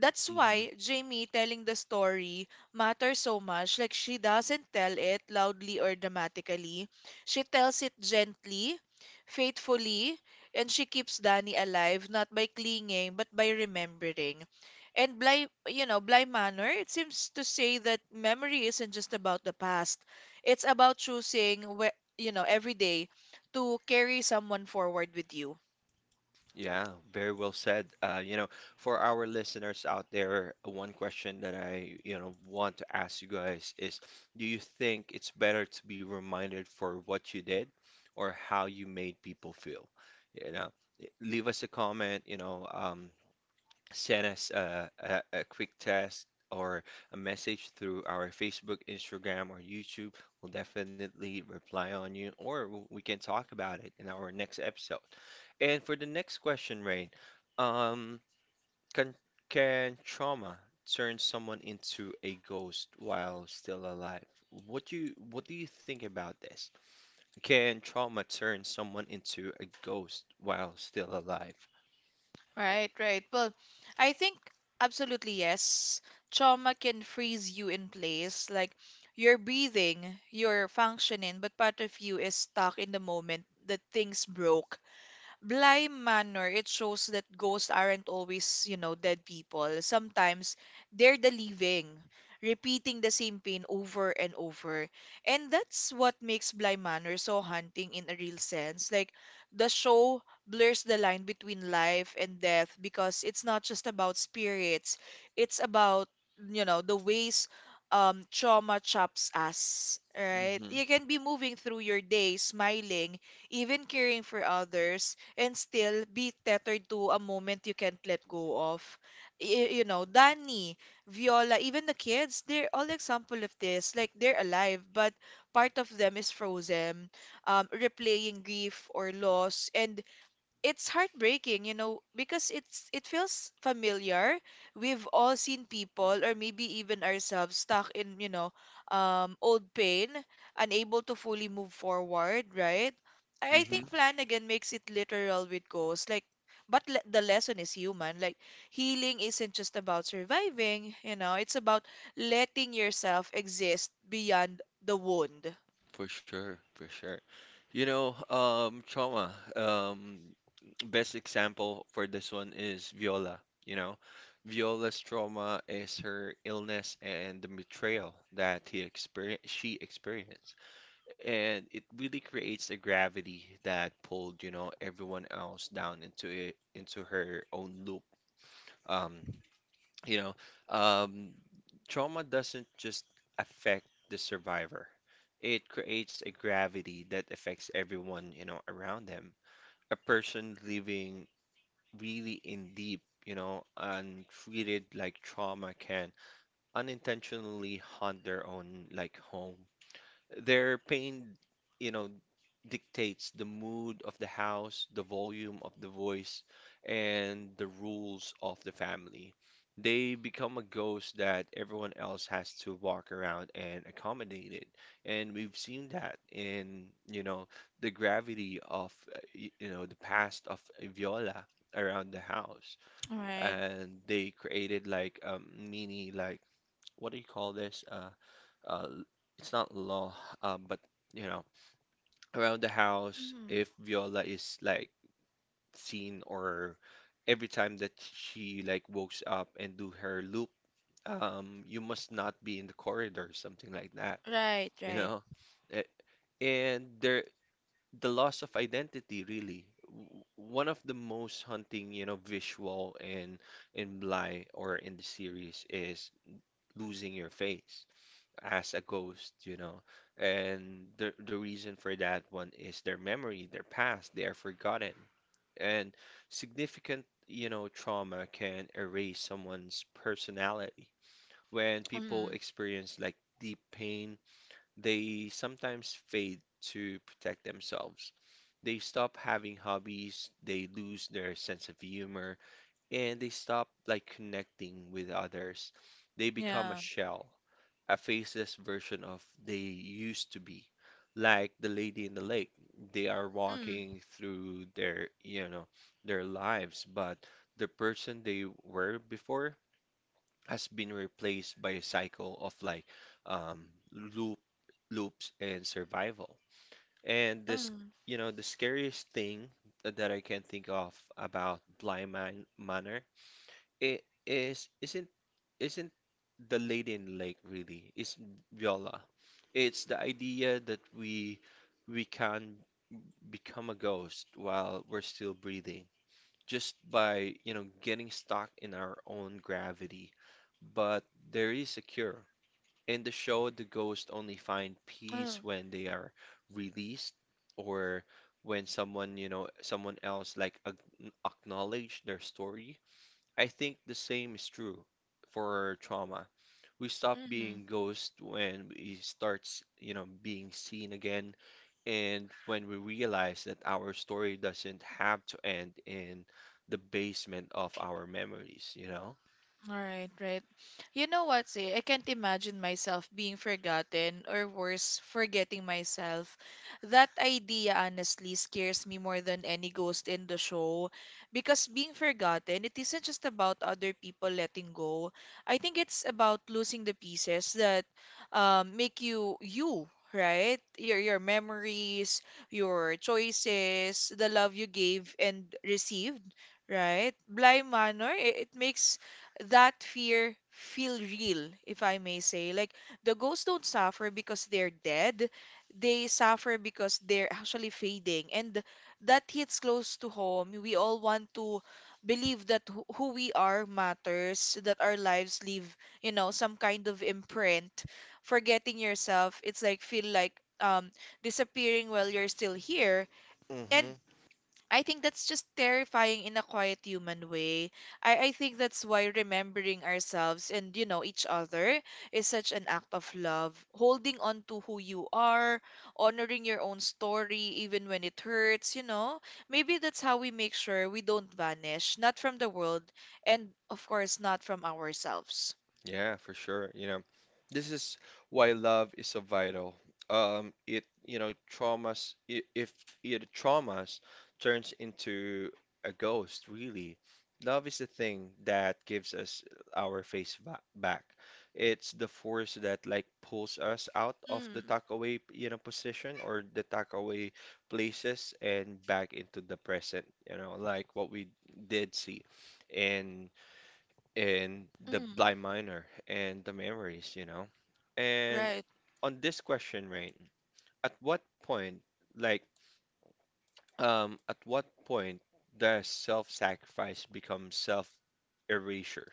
Speaker 2: That's
Speaker 1: hmm
Speaker 2: why Jamie telling the story matters so much. Like, she doesn't tell it loudly or dramatically. She tells it gently, faithfully, and she keeps Danny alive, not by clinging, but by remembering. And Bly Manor, it seems to say that memory isn't just about the past. It's about choosing, you know, every day to carry someone forward with you.
Speaker 1: Yeah, very well said. You know, for our listeners out there, one question that I, you know, want to ask you guys is, do you think it's better to be reminded for what you did or how you made people feel? You know, leave us a comment, you know, send us a, a quick test or a message through our Facebook, Instagram, or YouTube, we'll definitely reply on you, or we can talk about it in our next episode. And for the next question, Rain, um, can can trauma turn someone into a ghost while still alive? What do you think about this? Can trauma turn someone into a ghost while still alive?
Speaker 2: Right, right. Well, I think absolutely yes. Trauma can freeze you in place. Like you're breathing, you're functioning, but part of you is stuck in the moment that things broke. Bly Manor, it shows that ghosts aren't always, you know, dead people. Sometimes they're the living, repeating the same pain over and over. And that's what makes Bly Manor so haunting in a real sense. Like, the show blurs the line between life and death because it's not just about spirits, it's about, you know, the ways trauma chops us, right?
Speaker 1: Mm-hmm.
Speaker 2: You can be moving through your day, smiling, even caring for others and still be tethered to a moment you can't let go of. You know, Danny, Viola, even the kids, they're all example of this. Like they're alive, but part of them is frozen, replaying grief or loss, and it's heartbreaking, you know, because it feels familiar. We've all seen people or maybe even ourselves stuck in, you know, old pain, unable to fully move forward, right? I
Speaker 1: Mm-hmm.
Speaker 2: think Flanagan makes it literal with ghosts. Like but le the lesson is human. Like healing isn't just about surviving, you know, it's about letting yourself exist beyond the wound.
Speaker 1: For sure, for sure. You know, trauma. Best example for this one is Viola. You know, Viola's trauma is her illness and the betrayal that she experienced, and it really creates a gravity that pulled, you know, everyone else down into it, into her own loop. Um, you know, um, trauma doesn't just affect the survivor. It creates a gravity that affects everyone, you know, around them. A person living really in deep, you know, and treated like trauma can unintentionally haunt their own like home, their pain, you know, dictates the mood of the house, the volume of the voice, and the rules of the family. They become a ghost that everyone else has to walk around and accommodate it. And we've seen that in, you know, the gravity of, you know, the past of Viola around the house,
Speaker 2: Right.
Speaker 1: and they created like a mini like what do you call this? Uh, it's not law, but you know, around the house,
Speaker 2: Mm.
Speaker 1: if Viola is like seen or every time that she like wakes up and do her loop, you must not be in the corridor, something like that,
Speaker 2: Right,
Speaker 1: you
Speaker 2: right.
Speaker 1: know? A- And there, the loss of identity really. One of the most haunting, you know, visual in Bly or in the series is losing your face. As a ghost, you know. And the reason for that one is their memory, their past, they are forgotten. And significant, you know, trauma can erase someone's personality. When people
Speaker 2: Mm.
Speaker 1: experience like deep pain, they sometimes fade to protect themselves. They stop having hobbies, they lose their sense of humor, and they stop like connecting with others. They become a
Speaker 2: Yeah.
Speaker 1: shell, a faceless version of they used to be. Like the lady in the lake, they are walking through their, you know, their lives, but the person they were before has been replaced by a cycle of like um, loop loops and survival. And this,
Speaker 2: 嗯
Speaker 1: you know, the scariest thing that I can think of about Blind Man Manor it is isn't the lady in lake really. It's Viola. It's the idea that we can become a ghost while we're still breathing just by, you know, getting stuck in our own gravity. But there is a cure. In the show, the ghosts only find peace
Speaker 2: 嗯
Speaker 1: when they are released, or when someone, you know, someone else like acknowledge their story. I think the same is true for trauma. We stop
Speaker 2: 嗯
Speaker 1: being ghosts when we start, you know, being seen again, and when we realize that our story doesn't have to end in the basement of our memories, you know?
Speaker 2: All right, right. You know what, say, I can't imagine myself being forgotten or worse, forgetting myself. That idea honestly scares me more than any ghost in the show because being forgotten, it isn't just about other people letting go. I think it's about losing the pieces that make you you. Right? Your memories, your choices, the love you gave and received, right? Blind Manor, it makes that fear feel real, if I may say. Like the ghosts don't suffer because they're dead. They suffer because they're actually fading. And that hits close to home. We all want to believe that who we are matters, that our lives leave, some kind of imprint. Forgetting yourself, it's like feel like um disappearing while you're still here.
Speaker 1: Hmm.
Speaker 2: And I think that's just terrifying in a quiet human way. I think that's why remembering ourselves and, each other is such an act of love. Holding on to who you are, honoring your own story, even when it hurts, you know. Maybe that's how we make sure we don't vanish, not from the world, and of course, not from ourselves.
Speaker 1: Yeah, for sure. You know, this is why love is so vital. It, you know, traumas, I- if it traumas turns into a ghost, really. Love is the thing that gives us our face ba back. It's the force that like pulls us out of the
Speaker 2: Mm,
Speaker 1: tuck away, you know, position or the tuck away places and back into the present, you know, like what we did see. And in the
Speaker 2: mm,
Speaker 1: blind minor and the memories, you know. And
Speaker 2: right.
Speaker 1: on this question, right? At what point, like, at what point does self-sacrifice become self-erasure?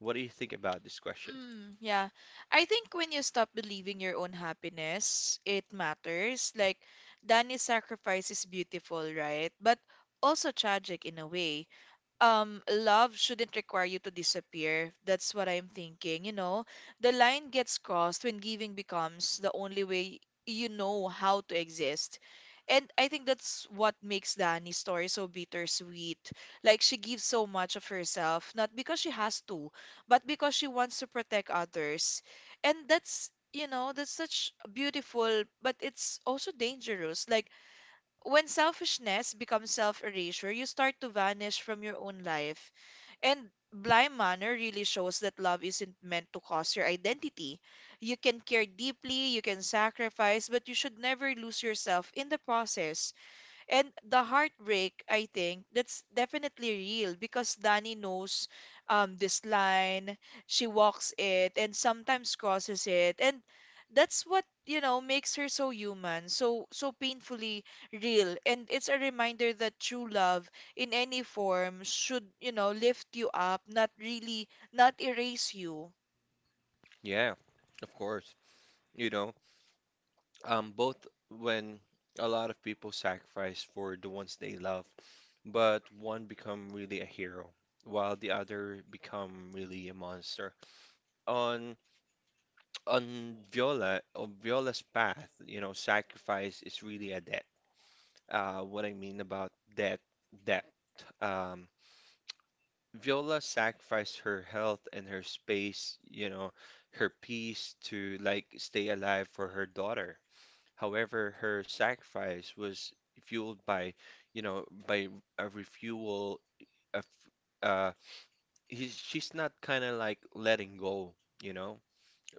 Speaker 1: What do you think about this question?
Speaker 2: Mm, yeah. I think when you stop believing your own happiness, it matters. Like, Danny's sacrifice is beautiful, right? But also tragic in a way. Love shouldn't require you to disappear. That's what I'm thinking, you know. The line gets crossed when giving becomes the only way, you know, how to exist. And I think that's what makes Dani's story so bittersweet. Like she gives so much of herself, not because she has to, but because she wants to protect others. And that's, you know, that's such beautiful, but it's also dangerous. Like when selfishness becomes self erasure, you start to vanish from your own life. And Blind Manor really shows that love isn't meant to cost your identity. You can care deeply, you can sacrifice, but you should never lose yourself in the process. And the heartbreak, I think, that's definitely real because Dani knows this line, she walks it and sometimes crosses it. And that's what, you know, makes her so human, so painfully real. And it's a reminder that true love in any form should, you know, lift you up, not really, not erase you.
Speaker 1: Yeah, of course. You know, both when a lot of people sacrifice for the ones they love, but one become really a hero, while the other become really a monster. On on Viola's path, you know, sacrifice is really a debt. What I mean about debt. Um, Viola sacrificed her health and her space, you know, her peace to like stay alive for her daughter. However, her sacrifice was fueled by, you know, by a refuel of, uh, he's, she's not kind of like letting go, you know.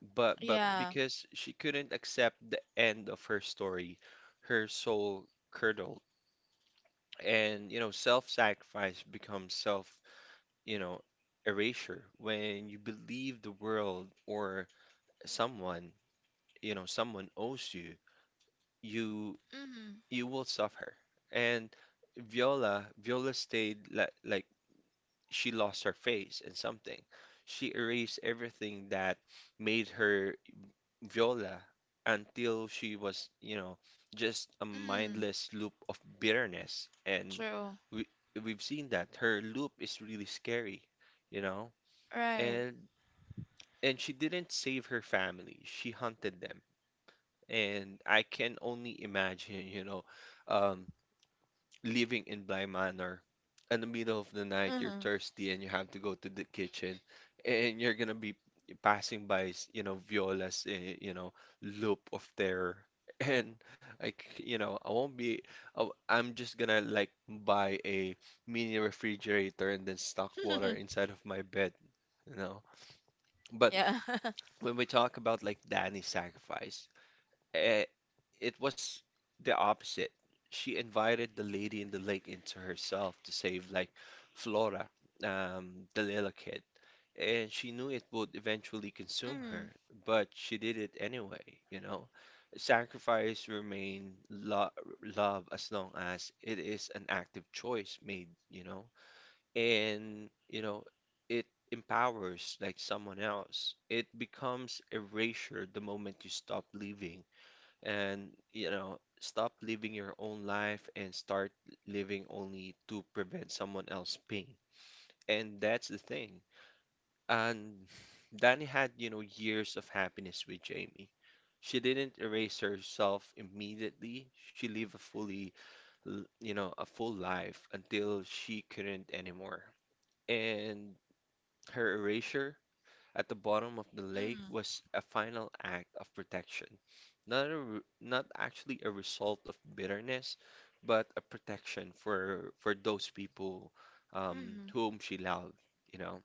Speaker 1: But
Speaker 2: Yeah.
Speaker 1: because she couldn't accept the end of her story, her soul curdled. And you know, self-sacrifice becomes self, you know, erasure when you believe the world or someone, you know, someone owes you, you
Speaker 2: Mm.
Speaker 1: you will suffer. And Viola stayed like she lost her face in something. She erased everything that made her Viola until she was, you know, just a
Speaker 2: Mm.
Speaker 1: mindless loop of bitterness. And
Speaker 2: True.
Speaker 1: we we've seen that her loop is really scary, you know?
Speaker 2: Right.
Speaker 1: And she didn't save her family. She hunted them. And I can only imagine, you know, um, living in Bly Manor, in the middle of the night, you're
Speaker 2: Mm.
Speaker 1: thirsty and you have to go to the kitchen, and you're gonna be passing by, you know, Viola's, you know, loop of terror. And like, you know, I won't be, I w- I'm just gonna like buy a mini refrigerator and then stock water inside of my bed, you know. But
Speaker 2: Yeah.
Speaker 1: when we talk about like Danny's sacrifice, Eh, it was the opposite. She invited the lady in the lake into herself to save, like, Flora, the little kid. And she knew it would eventually consume
Speaker 2: Mm.
Speaker 1: her, but she did it anyway, you know? Sacrifice remain lo love as long as it is an active choice made, you know? And, you know, it empowers, like, someone else. It becomes erasure the moment you stop living, and you know stop living your own life and start living only to prevent someone else pain, and that's the thing. And Danny had you know years of happiness with Jamie. She didn't erase herself immediately. She lived a you know a full life until she couldn't anymore. And her erasure at the bottom of the lake
Speaker 2: Mm.
Speaker 1: was a final act of protection, not actually a result of bitterness, but a protection for those people,
Speaker 2: Mhm.
Speaker 1: whom she loved, you know.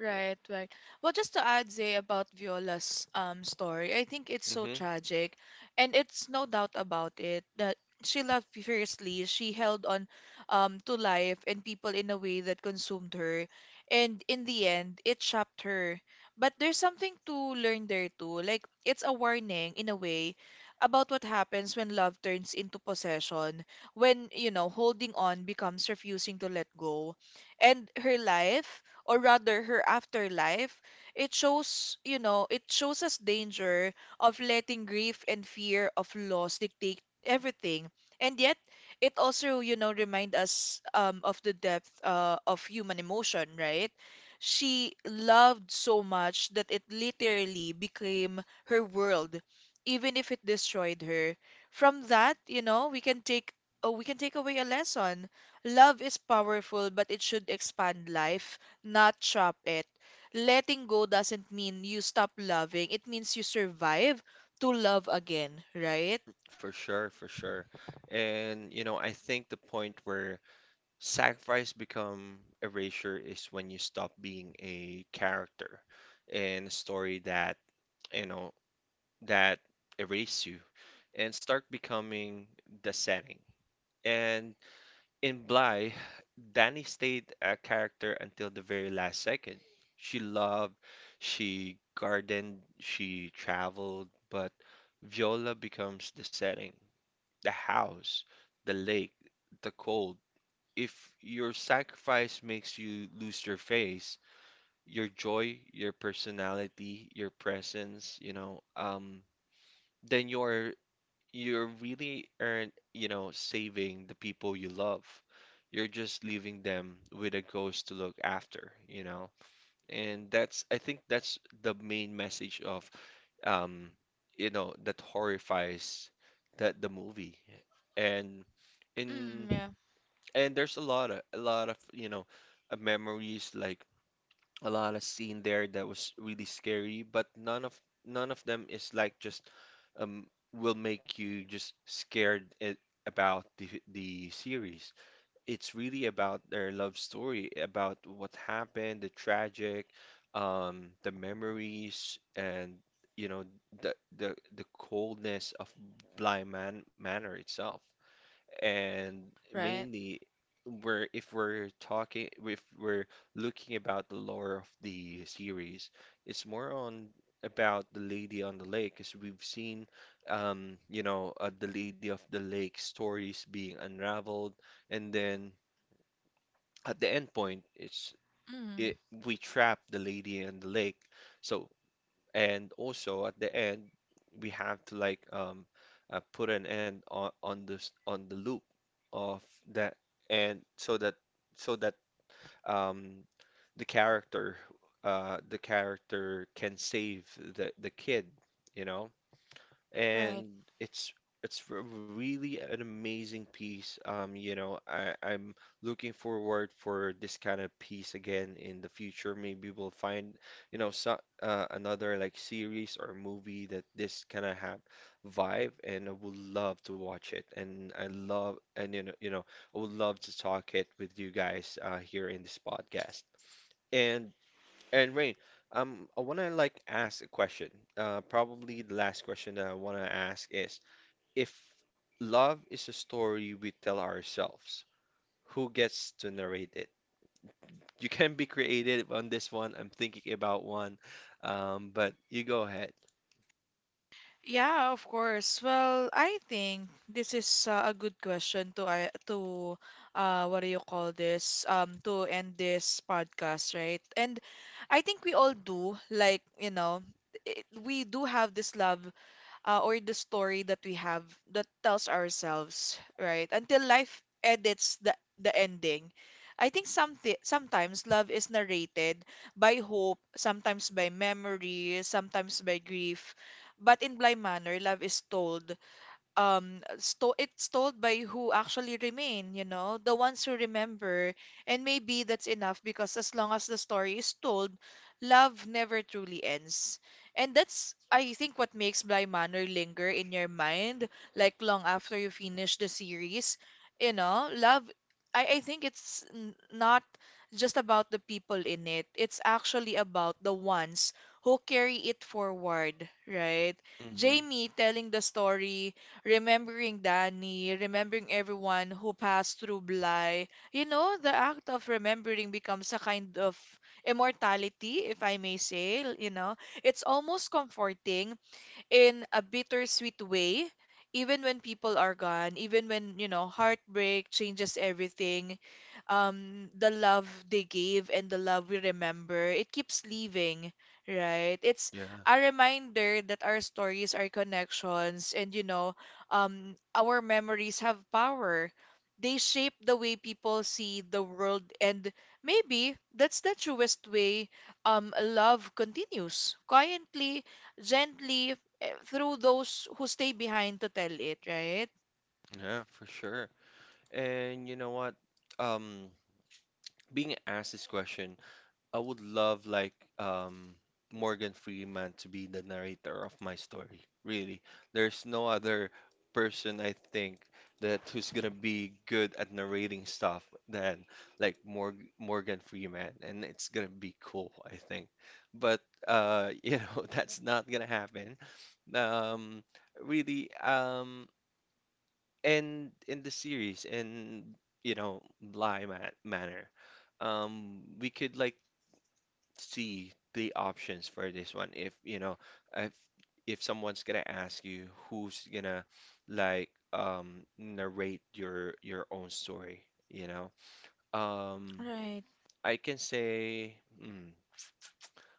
Speaker 2: Right, right. Well, just to add, Zay, about Viola's story, I think it's so
Speaker 1: Hmm.
Speaker 2: tragic, and it's no doubt about it that she loved fiercely. She held on to life and people in a way that consumed her, and in the end, it trapped her. But there's something to learn there too. Like it's a warning in a way about what happens when love turns into possession, when, you know, holding on becomes refusing to let go. And her life, or rather her afterlife, it shows, you know, it shows us danger of letting grief and fear of loss dictate everything. And yet, it also, you know, remind us of the depth of human emotion, right? She loved so much that it literally became her world, even if it destroyed her. From that, you know, we can take away a lesson. Love is powerful, but it should expand life, not trap it. Letting go doesn't mean you stop loving. It means you survive to love again, right?
Speaker 1: For sure, for sure. And you know, I think the point where sacrifice become erasure is when you stop being a character in a story that, you know, that erase you and start becoming the setting. And in Bly, Danny stayed a character until the very last second. She loved, she gardened, she traveled, but Viola becomes the setting, the house, the lake, the cold. If your sacrifice makes you lose your face, your joy, your personality, your presence, you know, then you are really aren't, you know, saving the people you love. You're just leaving them with a ghost to look after, you know? And that's, I think that's the main message of, um, you know, that horrifies that the movie. And in
Speaker 2: Mm, yeah,
Speaker 1: and there's a lot of you know, memories like a lot of scene there that was really scary, but none of them is like just um will make you just scared it, about the series. It's really about their love story, about what happened, the tragic, the memories, and you know the coldness of Bly Man Manor itself and
Speaker 2: right.
Speaker 1: mainly we're if we're talking if we're looking about the lore of the series. It's more on about the Lady on the Lake, as we've seen, you know, the Lady of the Lake stories being unraveled, and then at the end point, it's
Speaker 2: Mm,
Speaker 1: it we trap the Lady and the Lake. So and also at the end we have to like put an end on this on the loop of that, and so that um the character the character can save the kid, you know.
Speaker 2: right.
Speaker 1: And it's really an amazing piece. You know, I'm looking forward for this kind of piece again in the future. Maybe we'll find, you know, another like series or movie that this kind of have vibe, and I would love to watch it. And I love, and you know, I would love to talk it with you guys here in this podcast. And and Rain, I wanna like ask a question. Probably the last question that I wanna ask is, if love is a story we tell ourselves, who gets to narrate it? You can be creative on this one. I'm thinking about one, but you go ahead.
Speaker 2: Yeah, of course. Well, I think this is a good question to I to what do you call this? To end this podcast, right? And I think we all do, like, you know, it, we do have this love, or the story that we have that tells ourselves, right? Until life edits the ending. I think something sometimes love is narrated by hope, sometimes by memory, sometimes by grief, but in blind manner, love is told, sto it's told by who actually remain, you know, the ones who remember. And maybe that's enough because as long as the story is told, love never truly ends. And that's, I think, what makes Bly Manor linger in your mind, like long after you finish the series. You know, love, I think it's not just about the people in it. It's actually about the ones who carry it forward, right?
Speaker 1: Hmm.
Speaker 2: Jamie telling the story, remembering Danny, remembering everyone who passed through Bly. You know, the act of remembering becomes a kind of immortality, if I may say. You know, it's almost comforting in a bittersweet way, even when people are gone, even when, you know, heartbreak changes everything, the love they gave and the love we remember, it keeps leaving, right? It's
Speaker 1: Yeah,
Speaker 2: a reminder that our stories, our connections, and, you know, our memories have power. They shape the way people see the world, and maybe that's the truest way love continues quietly, gently, through those who stay behind to tell it, right?
Speaker 1: yeah, for sure. And you know what? Um, Being asked this question, I would love like Morgan Freeman to be the narrator of my story. Really. There's no other person I think that who's gonna be good at narrating stuff than like Morgan Freeman, and it's gonna be cool, I think. But you know that's not gonna happen. Um Really and in the series in you know lie ma manner we could like see the options for this one, if you know if if someone's gonna ask you who's gonna like narrate your own story, you know. um
Speaker 2: Right.
Speaker 1: I can say mm,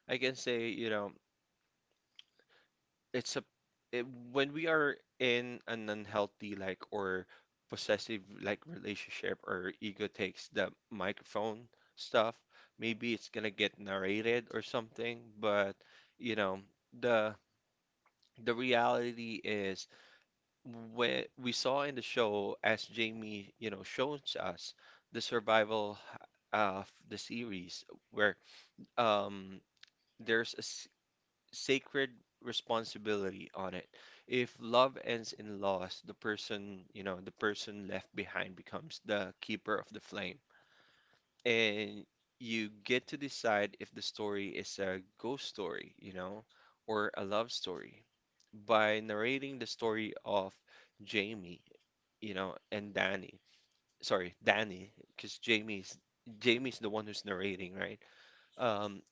Speaker 1: I can say you know it's it, when we are in an unhealthy like or possessive like relationship, or ego takes the microphone stuff, maybe it's gonna get narrated or something, but you know, the the reality is when we saw in the show as Jamie, you know, shows us the survival of the series where um there's a s sacred responsibility on it. If love ends in loss, the person, you know, the person left behind becomes the keeper of the flame. And you get to decide if the story is a ghost story, you know, or a love story. By narrating the story of Jamie, you know, and Danny. Sorry, Danny, because Jamie's the one who's narrating, right? Um,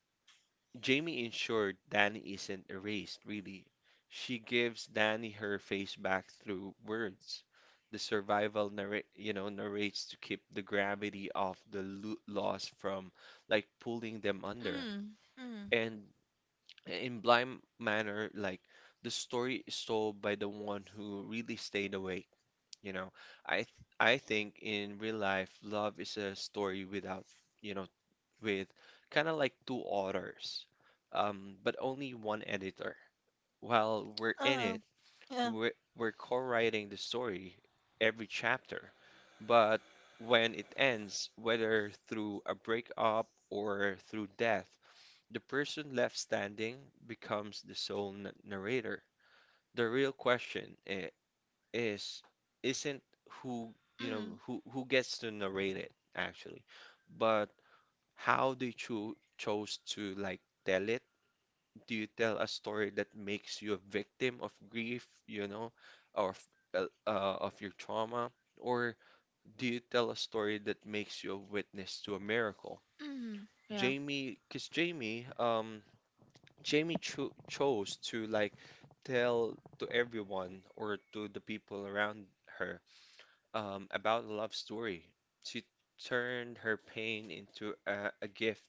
Speaker 1: Jamie ensured Danny isn't erased, really. She gives Danny her face back through words. You know, narrates to keep the gravity of the loss from like pulling them under.
Speaker 2: Mm, mm,
Speaker 1: And in blind manner, like the story is told by the one who really stayed awake. You know, I th I think in real life, love is a story without, you know, with kind of like two authors, but only one editor. While we're in
Speaker 2: uh,
Speaker 1: it,
Speaker 2: yeah,
Speaker 1: we're co-writing the story every chapter. But when it ends, whether through a breakup or through death, the person left standing becomes the sole narrator. The real question is, isn't who, you
Speaker 2: mm,
Speaker 1: know, who gets to narrate it actually, but how do you chose to like tell it? Do you tell a story that makes you a victim of grief, you know, or of your trauma? Or do you tell a story that makes you a witness to a miracle?
Speaker 2: mm, yeah,
Speaker 1: Jamie, because Jamie, Jamie chose to like tell to everyone or to the people around her, about a love story. She turned her pain into a gift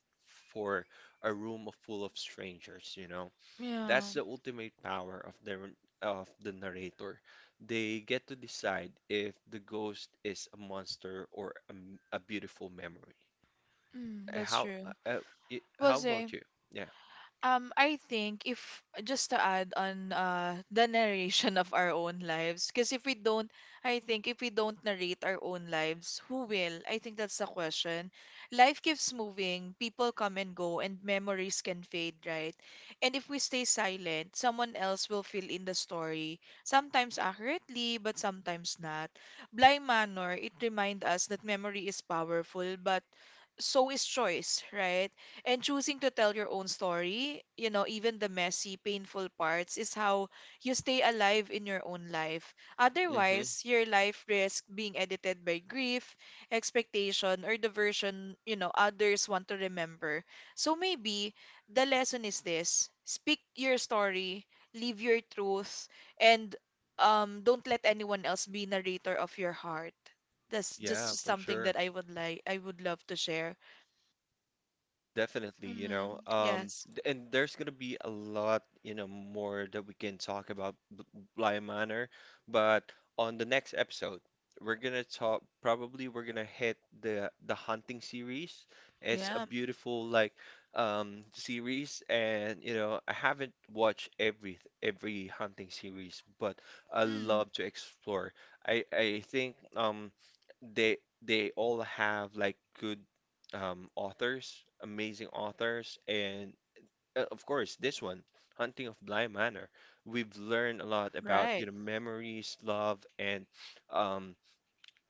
Speaker 1: for a room full of strangers, you know.
Speaker 2: yeah,
Speaker 1: That's the ultimate power of the narrator. They get to decide if the ghost is a monster or a beautiful memory.
Speaker 2: mm, that's
Speaker 1: How
Speaker 2: true. Well,
Speaker 1: how about you? Yeah.
Speaker 2: I think, if just to add on the narration of our own lives, because if we don't, I think if we don't narrate our own lives, who will? I think that's the question. Life keeps moving, people come and go, and memories can fade, right? And if we stay silent, someone else will fill in the story, sometimes accurately, but sometimes not. Blind Manor, it reminds us that memory is powerful, but so is choice, right? And choosing to tell your own story, you know, even the messy, painful parts, is how you stay alive in your own life.
Speaker 1: Hmm.
Speaker 2: Otherwise, your life risks being edited by grief, expectation, or the version, you know, others want to remember. So maybe the lesson is this: speak your story, live your truth, and don't let anyone else be narrator of your heart. That's
Speaker 1: Yeah,
Speaker 2: just
Speaker 1: for
Speaker 2: something
Speaker 1: sure.
Speaker 2: that I would like, I would love to share.
Speaker 1: Definitely, you know,
Speaker 2: Mm, yes.
Speaker 1: and there's gonna be a lot, you know, more that we can talk about Bly Manor, but on the next episode, we're gonna talk. Probably we're gonna hit the hunting series. It's a
Speaker 2: Yeah.
Speaker 1: beautiful like series, and you know, I haven't watched every hunting series, but I
Speaker 2: Mm,
Speaker 1: love to explore. I think they all have like good authors, amazing authors, and of course this one, Hunting of Bly Manor. We've learned a lot about you
Speaker 2: right.
Speaker 1: know memories, love, and um,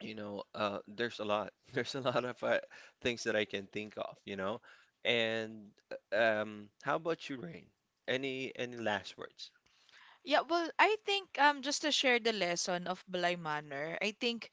Speaker 1: you know there's a lot there's a lot of things that I can think of, you know. And how about you, Rain? Any last words?
Speaker 2: Yeah, well, I think just to share the lesson of Balay Manor, I think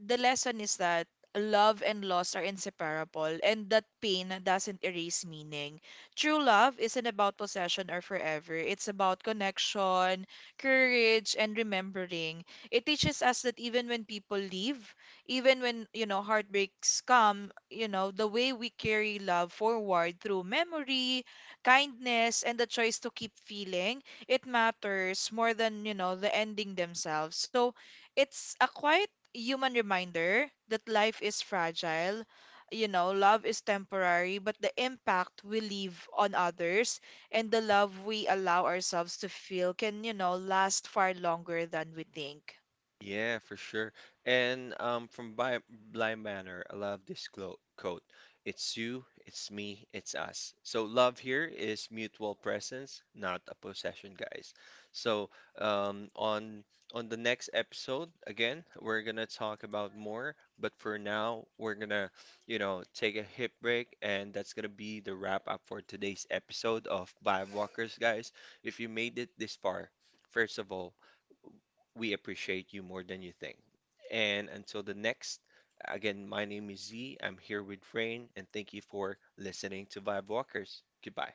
Speaker 2: the lesson is that love and loss are inseparable and that pain doesn't erase meaning. True love isn't about possession or forever. It's about connection, courage, and remembering. It teaches us that even when people leave, even when, you know, heartbreaks come, you know, the way we carry love forward through memory, kindness, and the choice to keep feeling, it matters more than, you know, the ending themselves. So it's a quite human reminder that life is fragile. You know, love is temporary, but the impact we leave on others and the love we allow ourselves to feel can, you know, last far longer than we think.
Speaker 1: Yeah, for sure. And from Bi Blind Manor, I love this clo quote. It's you, it's me, it's us. So love here is mutual presence, not a possession, guys. So um, on on the next episode, again, we're gonna talk about more. But for now, we're gonna, you know, take a hip break, and that's gonna be the wrap up for today's episode of Vibe Walkers, guys. If you made it this far, first of all. We appreciate you more than you think. And until the next, again, my name is Z. I'm here with Rain, and thank you for listening to Vibe Walkers. Goodbye.